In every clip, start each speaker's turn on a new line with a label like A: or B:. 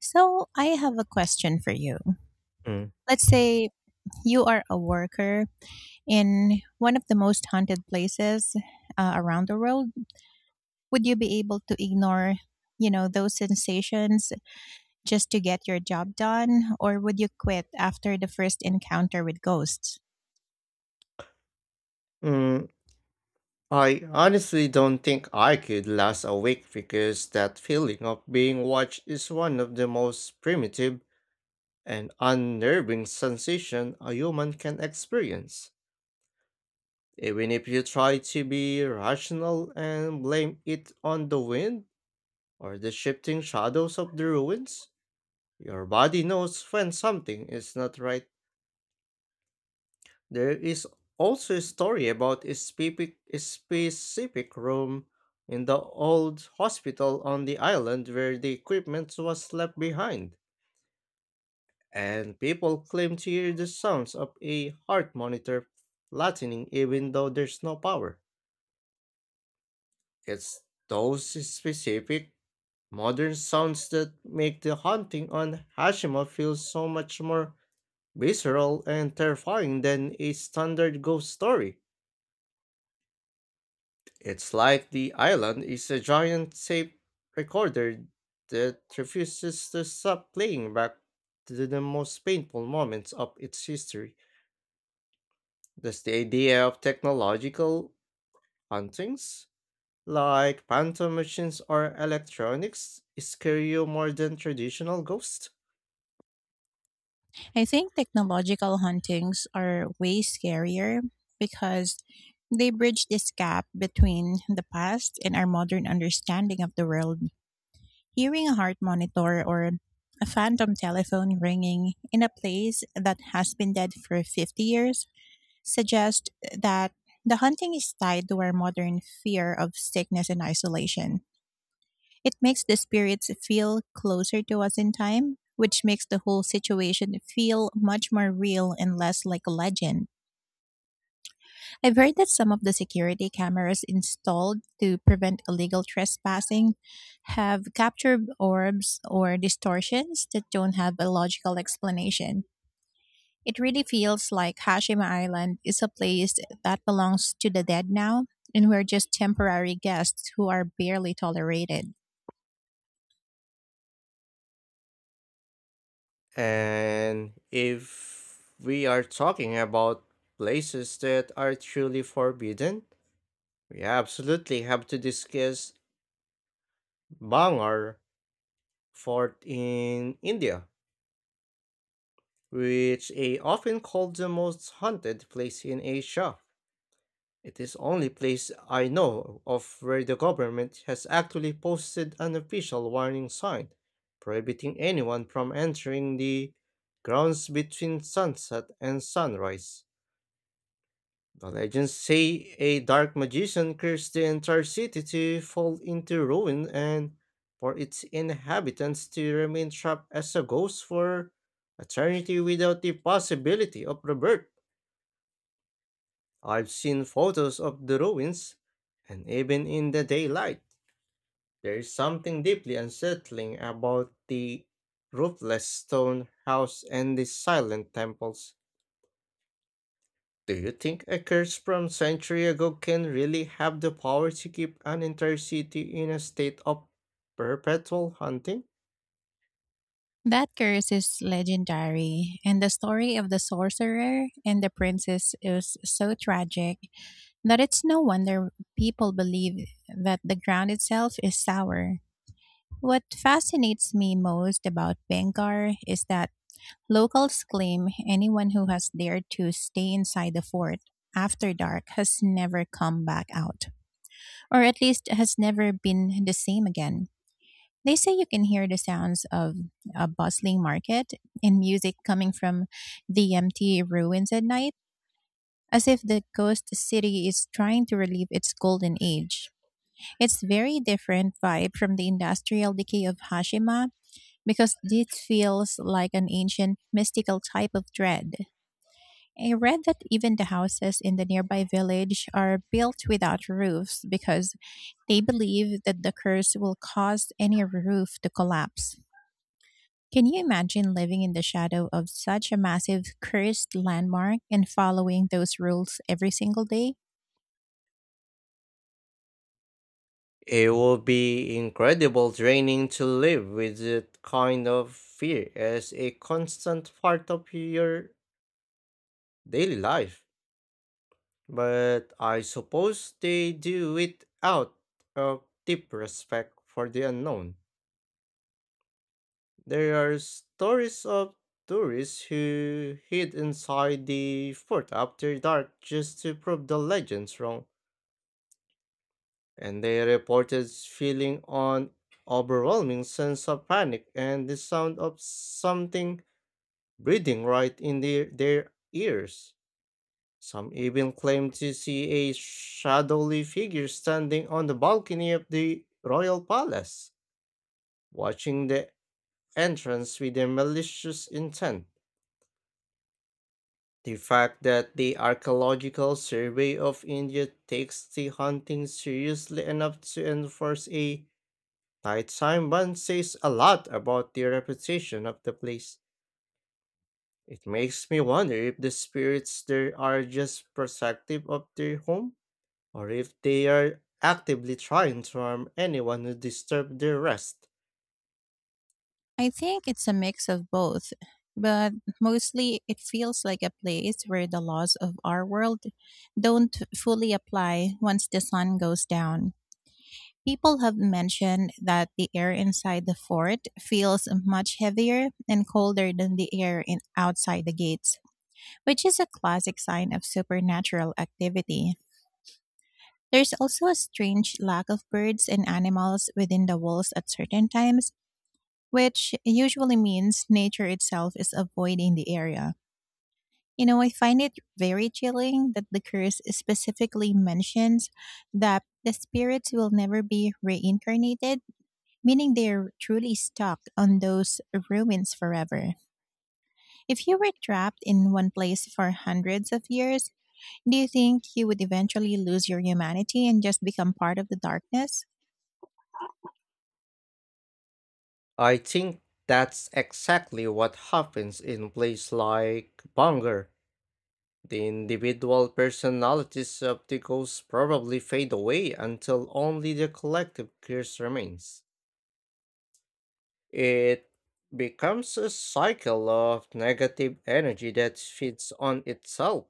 A: So I have a question for you.
B: Mm.
A: Let's say you are a worker in one of the most haunted places around the world. Would you be able to ignore those sensations just to get your job done, or would you quit after the first encounter with ghosts?
B: Mm, I honestly don't think I could last a week because that feeling of being watched is one of the most primitive and unnerving sensation a human can experience. Even if you try to be rational and blame it on the wind or the shifting shadows of the ruins, your body knows when something is not right. There is also a story about a specific room in the old hospital on the island where the equipment was left behind, and people claim to hear the sounds of a heart monitor flattening even though there's no power. It's those specific modern sounds that make the haunting on Hashima feel so much more visceral and terrifying than a standard ghost story. It's like the island is a giant tape recorder that refuses to stop playing back to the most painful moments of its history. Does the idea of technological hauntings, like phantom machines or electronics, scare you more than traditional ghosts?
A: I think technological hauntings are way scarier because they bridge this gap between the past and our modern understanding of the world. Hearing a heart monitor or a phantom telephone ringing in a place that has been dead for 50 years suggests that the hunting is tied to our modern fear of sickness and isolation. It makes the spirits feel closer to us in time, which makes the whole situation feel much more real and less like a legend. I've heard that some of the security cameras installed to prevent illegal trespassing have captured orbs or distortions that don't have a logical explanation. It really feels like Hashima Island is a place that belongs to the dead now, and we're just temporary guests who are barely tolerated.
B: And if we are talking about places that are truly forbidden, we absolutely have to discuss Bangar Fort in India, which is often called the most haunted place in Asia. It is only place I know of where the government has actually posted an official warning sign prohibiting anyone from entering the grounds between sunset and sunrise. The legends say a dark magician cursed the entire city to fall into ruin and for its inhabitants to remain trapped as a ghost for eternity without the possibility of rebirth. I've seen photos of the ruins, and even in the daylight, there is something deeply unsettling about the roofless stone house and the silent temples. Do you think a curse from century ago can really have the power to keep an entire city in a state of perpetual hunting?
A: That curse is legendary, and the story of the sorcerer and the princess is so tragic that it's no wonder people believe that the ground itself is sour. What fascinates me most about Bengar is that locals claim anyone who has dared to stay inside the fort after dark has never come back out, or at least has never been the same again. They say you can hear the sounds of a bustling market and music coming from the empty ruins at night, as if the ghost city is trying to relive its golden age. It's very different vibe from the industrial decay of Hashima because this feels like an ancient mystical type of dread. I read that even the houses in the nearby village are built without roofs because they believe that the curse will cause any roof to collapse. Can you imagine living in the shadow of such a massive cursed landmark and following those rules every single day?
B: It would be incredible draining to live with that kind of fear as a constant part of your daily life. But I suppose they do it out of deep respect for the unknown. There are stories of tourists who hid inside the fort after dark just to prove the legends wrong, and they reported feeling an overwhelming sense of panic and the sound of something breathing right in their ears. Some even claimed to see a shadowy figure standing on the balcony of the royal palace, watching the entrance with a malicious intent. The fact that the Archaeological Survey of India takes the hunting seriously enough to enforce a nighttime ban says a lot about the reputation of the place. It makes me wonder if the spirits there are just protective of their home, or if they are actively trying to harm anyone who disturbs their rest.
A: I think it's a mix of both, but mostly it feels like a place where the laws of our world don't fully apply once the sun goes down. People have mentioned that the air inside the fort feels much heavier and colder than the air in outside the gates, which is a classic sign of supernatural activity. There's also a strange lack of birds and animals within the walls at certain times, which usually means nature itself is avoiding the area. You know, I find it very chilling that the curse specifically mentions that the spirits will never be reincarnated, meaning they're truly stuck on those ruins forever. If you were trapped in one place for hundreds of years, do you think you would eventually lose your humanity and just become part of the darkness?
B: I think that's exactly what happens in places like Bangor. The individual personalities of the ghosts probably fade away until only the collective curse remains. It becomes a cycle of negative energy that feeds on itself,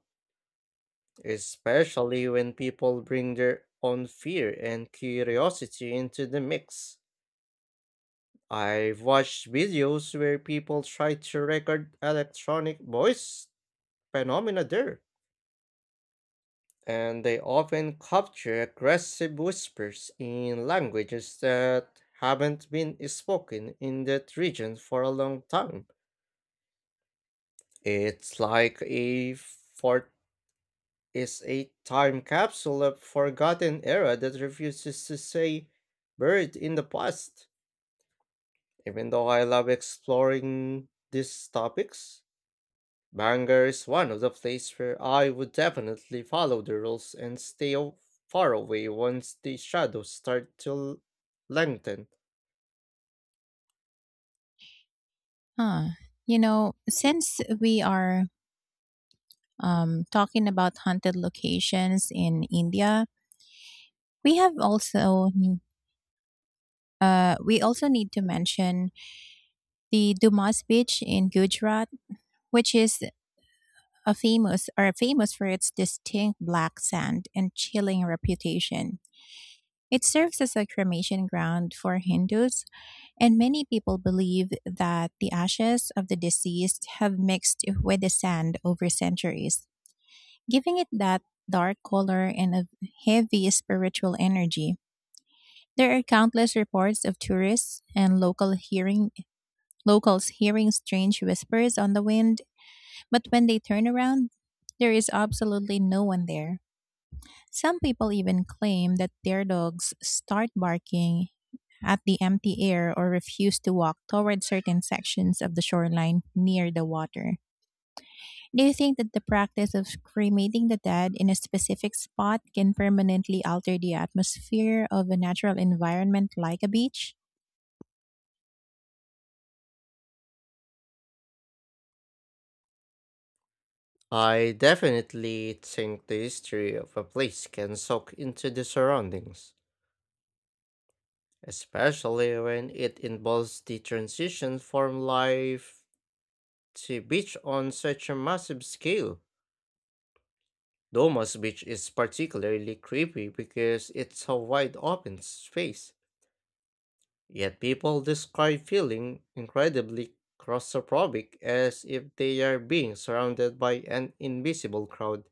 B: especially when people bring their own fear and curiosity into the mix. I've watched videos where people try to record electronic voice phenomena there, and they often capture aggressive whispers in languages that haven't been spoken in that region for a long time. It's like a fort is a time capsule of forgotten era that refuses to say buried in the past. Even though I love exploring these topics, Bangor is one of the places where I would definitely follow the rules and stay far away once the shadows start to lengthen.
A: Huh. You know, since we are talking about haunted locations in India, we have also we also need to mention the Dumas Beach in Gujarat, which is a famous or famous for its distinct black sand and chilling reputation. It serves as a cremation ground for Hindus, and many people believe that the ashes of the deceased have mixed with the sand over centuries, giving it that dark color and a heavy spiritual energy. There are countless reports of tourists and locals hearing strange whispers on the wind, but when they turn around, there is absolutely no one there. Some people even claim that their dogs start barking at the empty air or refuse to walk toward certain sections of the shoreline near the water. Do you think that the practice of cremating the dead in a specific spot can permanently alter the atmosphere of a natural environment like a beach?
B: I definitely think the history of a place can soak into the surroundings, especially when it involves the transition from life to beach on such a massive scale. Doma's beach is particularly creepy because it's a wide open space. Yet people describe feeling incredibly claustrophobic, as if they are being surrounded by an invisible crowd.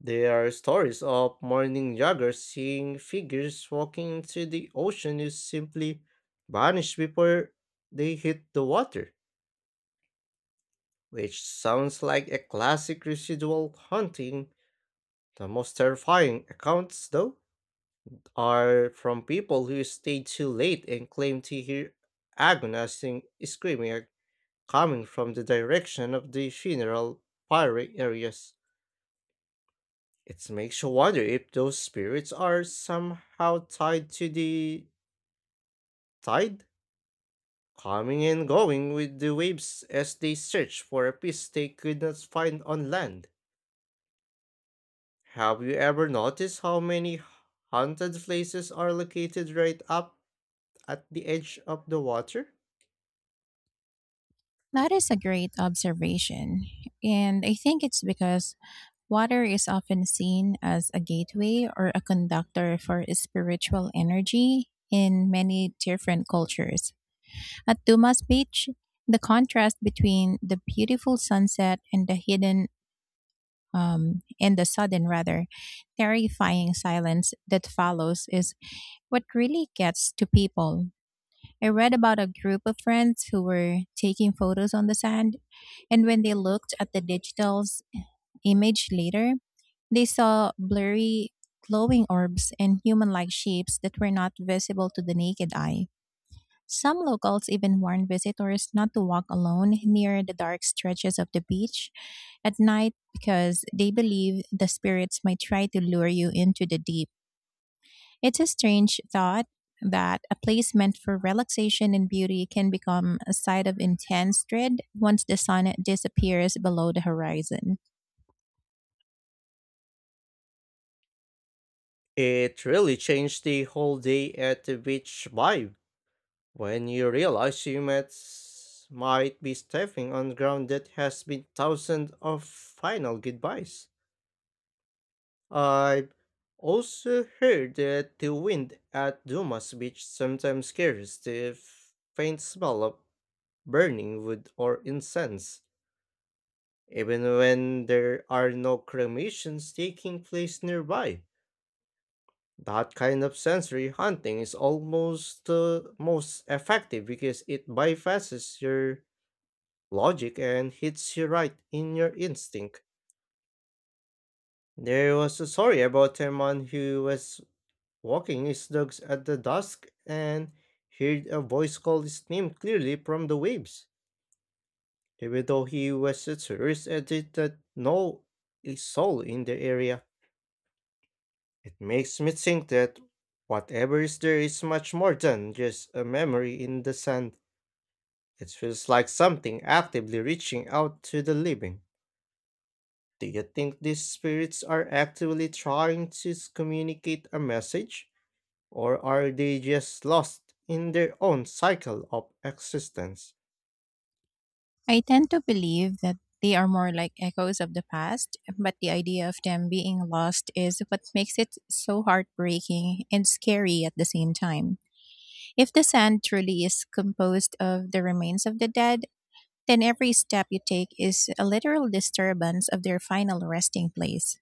B: There are stories of morning joggers seeing figures walking into the ocean who simply vanish before they hit the water, which sounds like a classic residual haunting. The most terrifying accounts, though, are from people who stayed too late and claim to hear agonizing screaming coming from the direction of the funeral pyre areas. It makes you wonder if those spirits are somehow tied to the tide, coming and going with the waves as they search for a piece they could not find on land. Have you ever noticed how many haunted places are located right up at the edge of the water?
A: That is a great observation. And I think it's because water is often seen as a gateway or a conductor for spiritual energy in many different cultures. At Dumas Beach, the contrast between the beautiful sunset and the hidden and the sudden, rather, terrifying silence that follows is what really gets to people. I read about a group of friends who were taking photos on the sand, and when they looked at the digital's image later, they saw blurry, glowing orbs and human like shapes that were not visible to the naked eye. Some locals even warn visitors not to walk alone near the dark stretches of the beach at night because they believe the spirits might try to lure you into the deep. It's a strange thought that a place meant for relaxation and beauty can become a site of intense dread once the sun disappears below the horizon.
B: It really changed the whole day at the beach vibe. When you realize you might be stepping on ground that has been thousands of final goodbyes. I've also heard that the wind at Dumas Beach sometimes carries the faint smell of burning wood or incense, even when there are no cremations taking place nearby. That kind of sensory hunting is almost the most effective because it bypasses your logic and hits you right in your instinct. There was a story about a man who was walking his dogs at the dusk and heard a voice call his name clearly from the waves, even though he was a tourist and did not know a soul in the area. It makes me think that whatever is there is much more than just a memory in the sand. It feels like something actively reaching out to the living. Do you think these spirits are actively trying to communicate a message, or are they just lost in their own cycle of existence?
A: I tend to believe that they are more like echoes of the past, but the idea of them being lost is what makes it so heartbreaking and scary at the same time. If the sand truly is composed of the remains of the dead, then every step you take is a literal disturbance of their final resting place,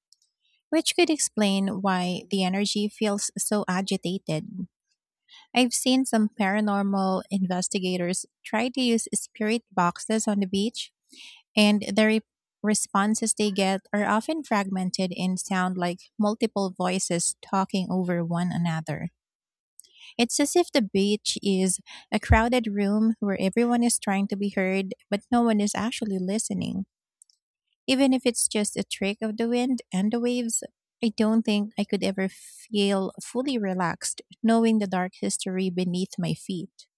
A: which could explain why the energy feels so agitated. I've seen some paranormal investigators try to use spirit boxes on the beach, and responses they get are often fragmented and sound like multiple voices talking over one another. It's as if the beach is a crowded room where everyone is trying to be heard, but no one is actually listening. Even if it's just a trick of the wind and the waves, I don't think I could ever feel fully relaxed knowing the dark history beneath my feet.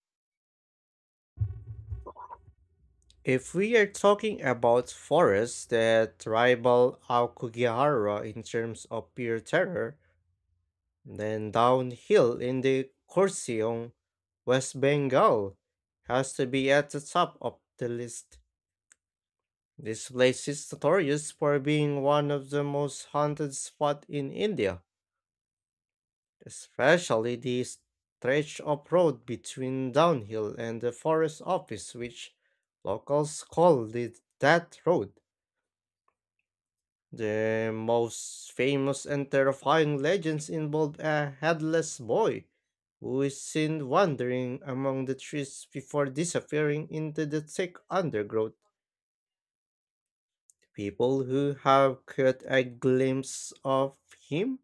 B: If we are talking about forests that rival Aokugihara in terms of pure terror, then downhill in the Korseong, West Bengal, has to be at the top of the list. This place is notorious for being one of the most haunted spots in India, especially the stretch of road between Downhill and the forest office, which locals call the Death Road. The most famous and terrifying legends involve a headless boy who is seen wandering among the trees before disappearing into the thick undergrowth. People who have caught a glimpse of him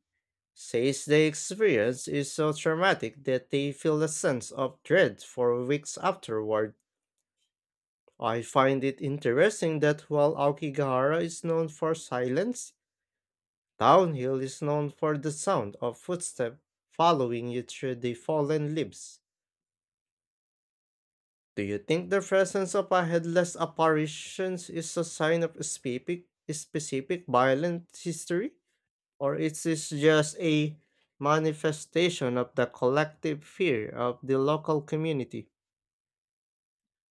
B: says the experience is so traumatic that they feel a sense of dread for weeks afterward. I find it interesting that while Aokigahara is known for silence, Downhill is known for the sound of footsteps following you through the fallen leaves. Do you think the presence of a headless apparition is a sign of specific violent history? Or is this just a manifestation of the collective fear of the local community?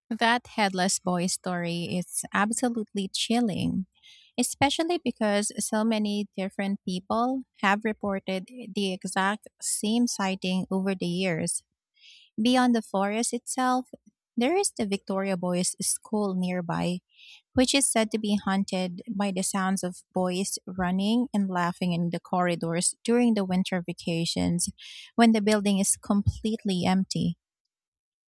A: That headless boy story is absolutely chilling, especially because so many different people have reported the exact same sighting over the years. Beyond the forest itself, there is the Victoria Boys School nearby, which is said to be haunted by the sounds of boys running and laughing in the corridors during the winter vacations when the building is completely empty.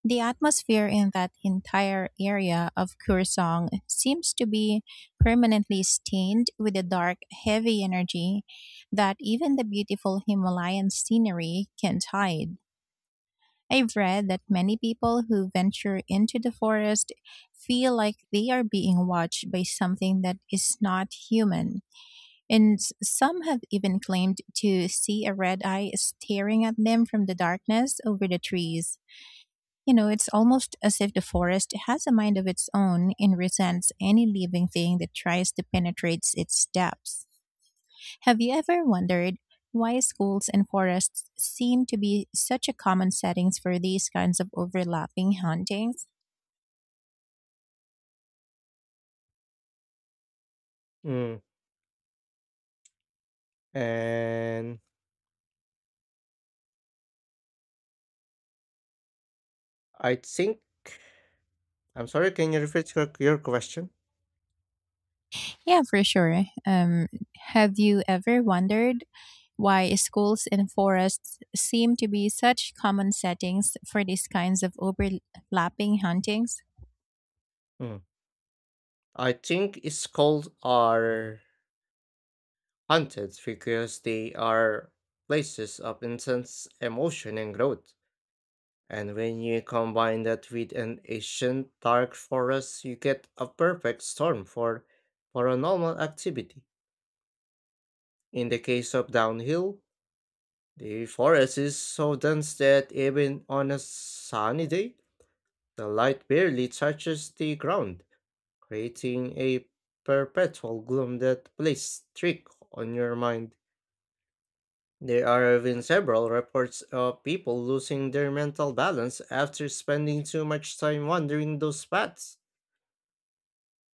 A: The atmosphere in that entire area of Kursong seems to be permanently stained with a dark, heavy energy that even the beautiful Himalayan scenery can't hide. I've read that many people who venture into the forest feel like they are being watched by something that is not human. And some have even claimed to see a red eye staring at them from the darkness over the trees. You know, it's almost as if the forest has a mind of its own and resents any living thing that tries to penetrate its depths. Have you ever wondered why schools and forests seem to be such a common settings for these kinds of overlapping hauntings?
B: Mm. And I think, I'm sorry, can you repeat your question?
A: Yeah, for sure. Have you ever wondered why schools and forests seem to be such common settings for these kinds of overlapping hauntings?
B: Mm. I think it's called are haunted because they are places of intense emotion and growth. And when you combine that with an ancient dark forest, you get a perfect storm for paranormal activity. In the case of Downhill, the forest is so dense that even on a sunny day, the light barely touches the ground, creating a perpetual gloom that plays trick on your mind. There are even several reports of people losing their mental balance after spending too much time wandering those paths,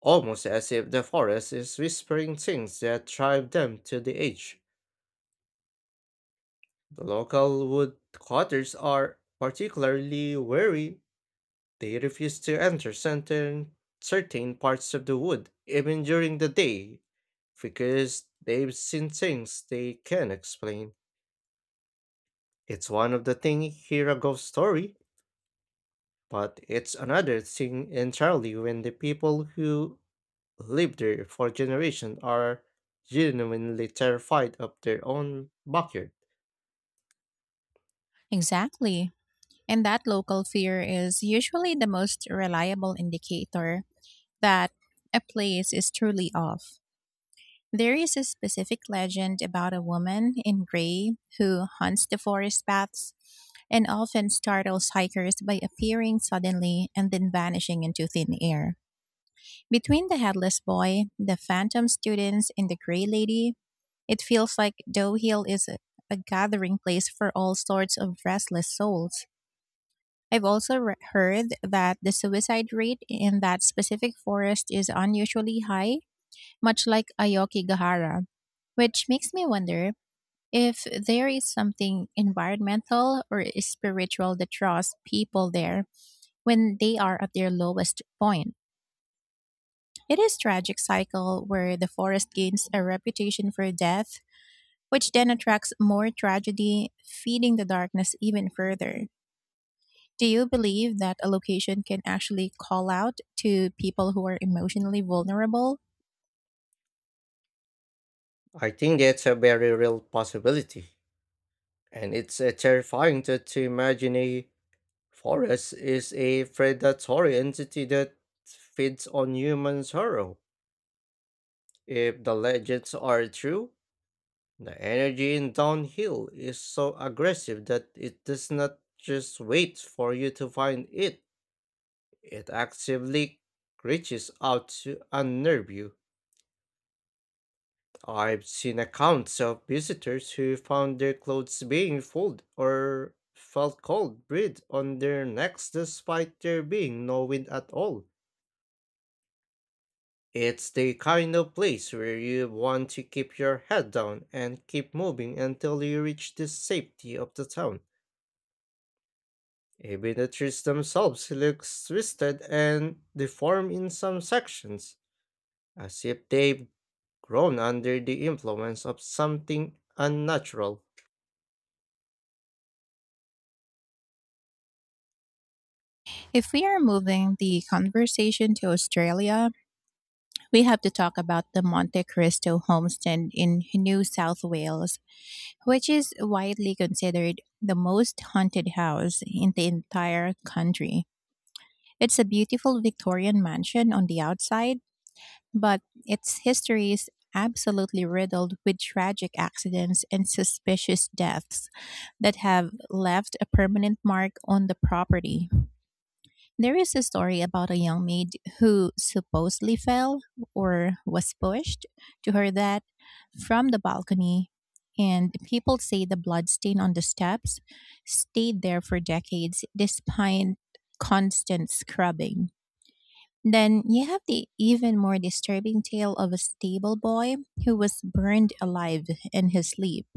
B: almost as if the forest is whispering things that drive them to the edge. The local wood cutters are particularly wary. They refuse to enter certain parts of the wood, even during the day, because they've seen things they can't explain. It's one of the things here a ghost story, but it's another thing entirely when the people who lived there for generations are genuinely terrified of their own backyard.
A: Exactly. And that local fear is usually the most reliable indicator that a place is truly off. There is a specific legend about a woman in gray who hunts the forest paths and often startles hikers by appearing suddenly and then vanishing into thin air. Between the headless boy, the phantom students, and the gray lady, it feels like Doe Hill is a gathering place for all sorts of restless souls. I've also heard that the suicide rate in that specific forest is unusually high, much like Ayokigahara, which makes me wonder if there is something environmental or spiritual that draws people there when they are at their lowest point. It is tragic cycle where the forest gains a reputation for death, which then attracts more tragedy, feeding the darkness even further. Do you believe that a location can actually call out to people who are emotionally vulnerable?
B: I think that's a very real possibility, and it's a terrifying to imagine a forest is a predatory entity that feeds on human sorrow. If the legends are true, the energy in downhill is so aggressive that it does not just wait for you to find it, it actively reaches out to unnerve you. I've seen accounts of visitors who found their clothes being full or felt cold breath on their necks despite there being no wind at all. It's the kind of place where you want to keep your head down and keep moving until you reach the safety of the town. Even the trees themselves look twisted and deformed in some sections, as if they've grown under the influence of something unnatural.
A: If we are moving the conversation to Australia, we have to talk about the Monte Cristo homestead in New South Wales, which is widely considered the most haunted house in the entire country. It's a beautiful Victorian mansion on the outside. But its history is absolutely riddled with tragic accidents and suspicious deaths that have left a permanent mark on the property. There is a story about a young maid who supposedly fell or was pushed to her death from the balcony, and people say the bloodstain on the steps stayed there for decades despite constant scrubbing. Then you have the even more disturbing tale of a stable boy who was burned alive in his sleep,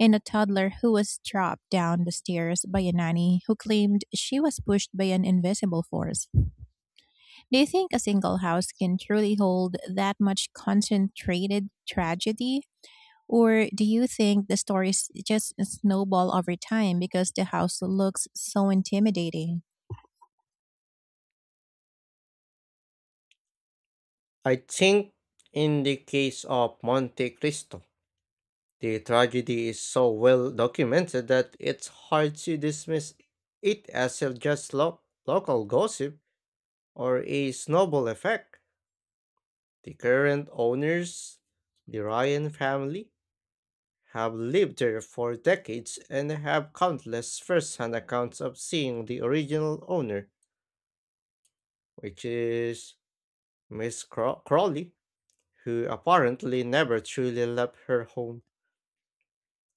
A: and a toddler who was dropped down the stairs by a nanny who claimed she was pushed by an invisible force. Do you think a single house can truly hold that much concentrated tragedy? Or do you think the stories just snowball over time because the house looks so intimidating?
B: I think in the case of Monte Cristo, the tragedy is so well documented that it's hard to dismiss it as a just local gossip or a snowball effect. The current owners, the Ryan family, have lived there for decades and have countless first hand accounts of seeing the original owner, which is Miss Crawley, who apparently never truly left her home.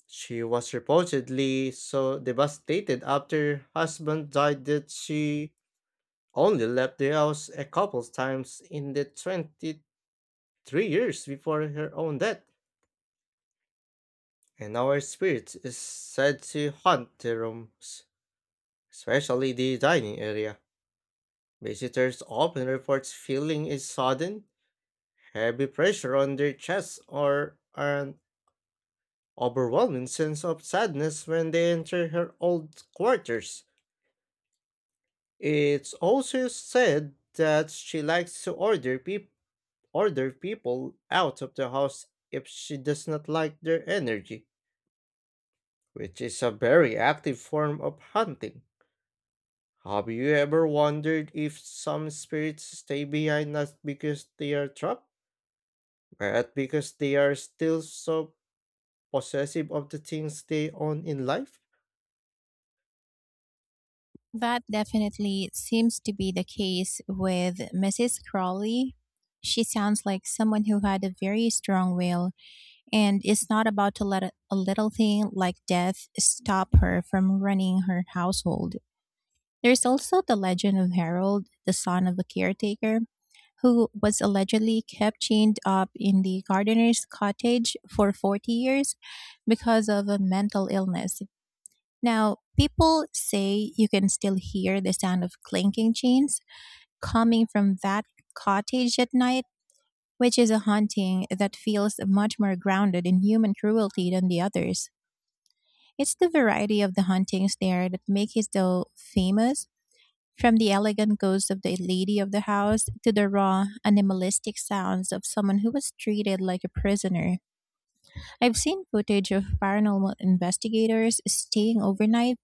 B: She was reportedly so devastated after her husband died that she only left the house a couple times in the 23 years before her own death. And our spirit is said to haunt the rooms, especially the dining area. Visitors often report feeling a sudden, heavy pressure on their chests or an overwhelming sense of sadness when they enter her old quarters. It's also said that she likes to order people out of the house if she does not like their energy, which is a very active form of hunting. Have you ever wondered if some spirits stay behind not because they are trapped, but because they are still so possessive of the things they own in life?
A: That definitely seems to be the case with Mrs. Crawley. She sounds like someone who had a very strong will and is not about to let a little thing like death stop her from running her household. There's also the legend of Harold, the son of a caretaker, who was allegedly kept chained up in the gardener's cottage for 40 years because of a mental illness. Now, people say you can still hear the sound of clinking chains coming from that cottage at night, which is a haunting that feels much more grounded in human cruelty than the others. It's the variety of the hauntings there that make it so famous, from the elegant ghost of the lady of the house to the raw, animalistic sounds of someone who was treated like a prisoner. I've seen footage of paranormal investigators staying overnight,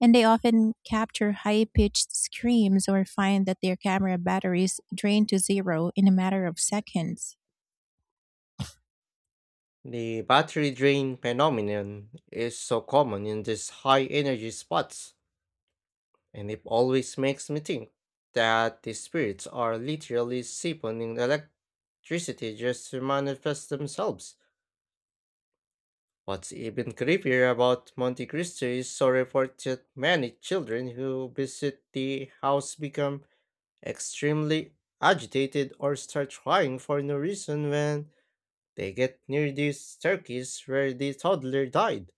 A: and they often capture high pitched screams or find that their camera batteries drain to zero in a matter of seconds.
B: The battery drain phenomenon is so common in these high energy spots, and it always makes me think that the spirits are literally siphoning electricity just to manifest themselves. What's even creepier about Monte Cristo is so report that many children who visit the house become extremely agitated or start crying for no reason when they get near the staircase where the toddler died.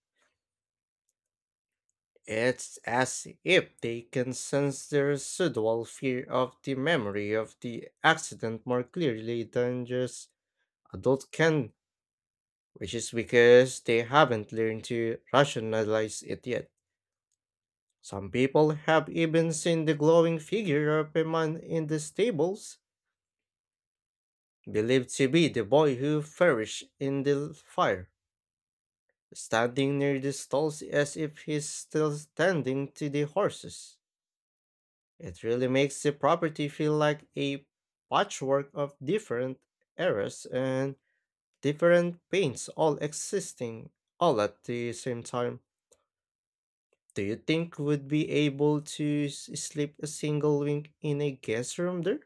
B: It's as if they can sense the residual fear of the memory of the accident more clearly than just adult can, which is because they haven't learned to rationalize it yet. Some people have even seen the glowing figure of a man in the stables, believed to be the boy who perished in the fire, standing near the stalls as if he's still standing to the horses. It really makes the property feel like a patchwork of different eras and different paints all existing all at the same time. Do you think would be able to sleep a single wing in a guest room there,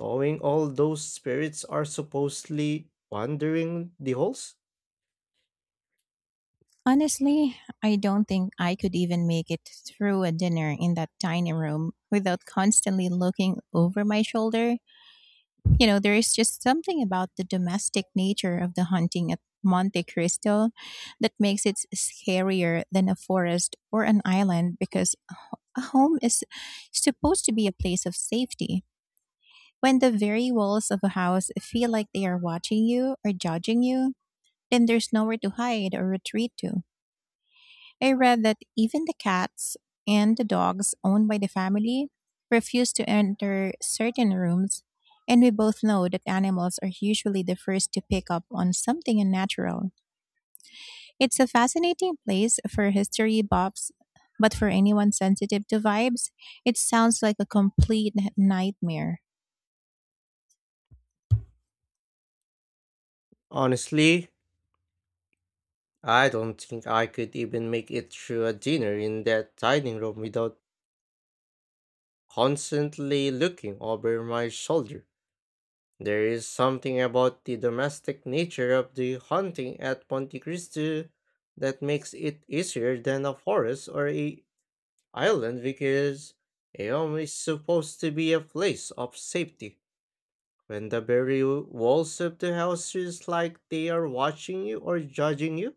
B: knowing all those spirits are supposedly wandering the halls?
A: Honestly, I don't think I could even make it through a dinner in that tiny room without constantly looking over my shoulder. You know, there is just something about the domestic nature of the hunting at Monte Cristo that makes it scarier than a forest or an island, because a home is supposed to be a place of safety. When the very walls of a house feel like they are watching you or judging you, then there's nowhere to hide or retreat to. I read that even the cats and the dogs owned by the family refuse to enter certain rooms, and we both know that animals are usually the first to pick up on something unnatural. It's a fascinating place for history buffs, but for anyone sensitive to vibes, it sounds like a complete nightmare.
B: Honestly, I don't think I could even make it through a dinner in that dining room without constantly looking over my shoulder. There is something about the domestic nature of the hunting at Monte Cristo that makes it easier than a forest or a island because a home is supposed to be a place of safety. When the very walls of the house is like they are watching you or judging you,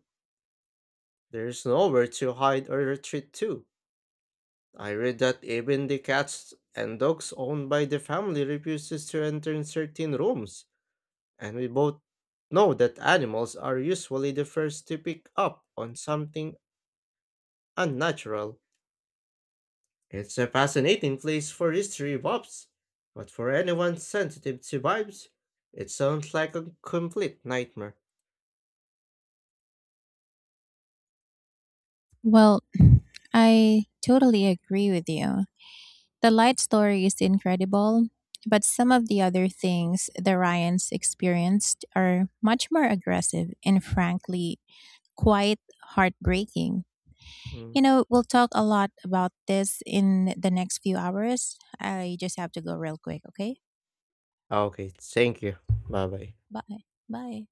B: there is nowhere to hide or retreat to. I read that even the cats and dogs owned by the family refuses to enter in certain rooms, and we both know that animals are usually the first to pick up on something unnatural. It's a fascinating place for history buffs, but for anyone sensitive to vibes, it sounds like a complete nightmare.
A: Well, I totally agree with you. The light story is incredible, but some of the other things the Ryans experienced are much more aggressive and frankly quite heartbreaking.
B: Mm.
A: You know, we'll talk a lot about this in the next few hours. I just have to go real quick, okay?
B: Okay, thank you. Bye bye.
A: Bye. Bye.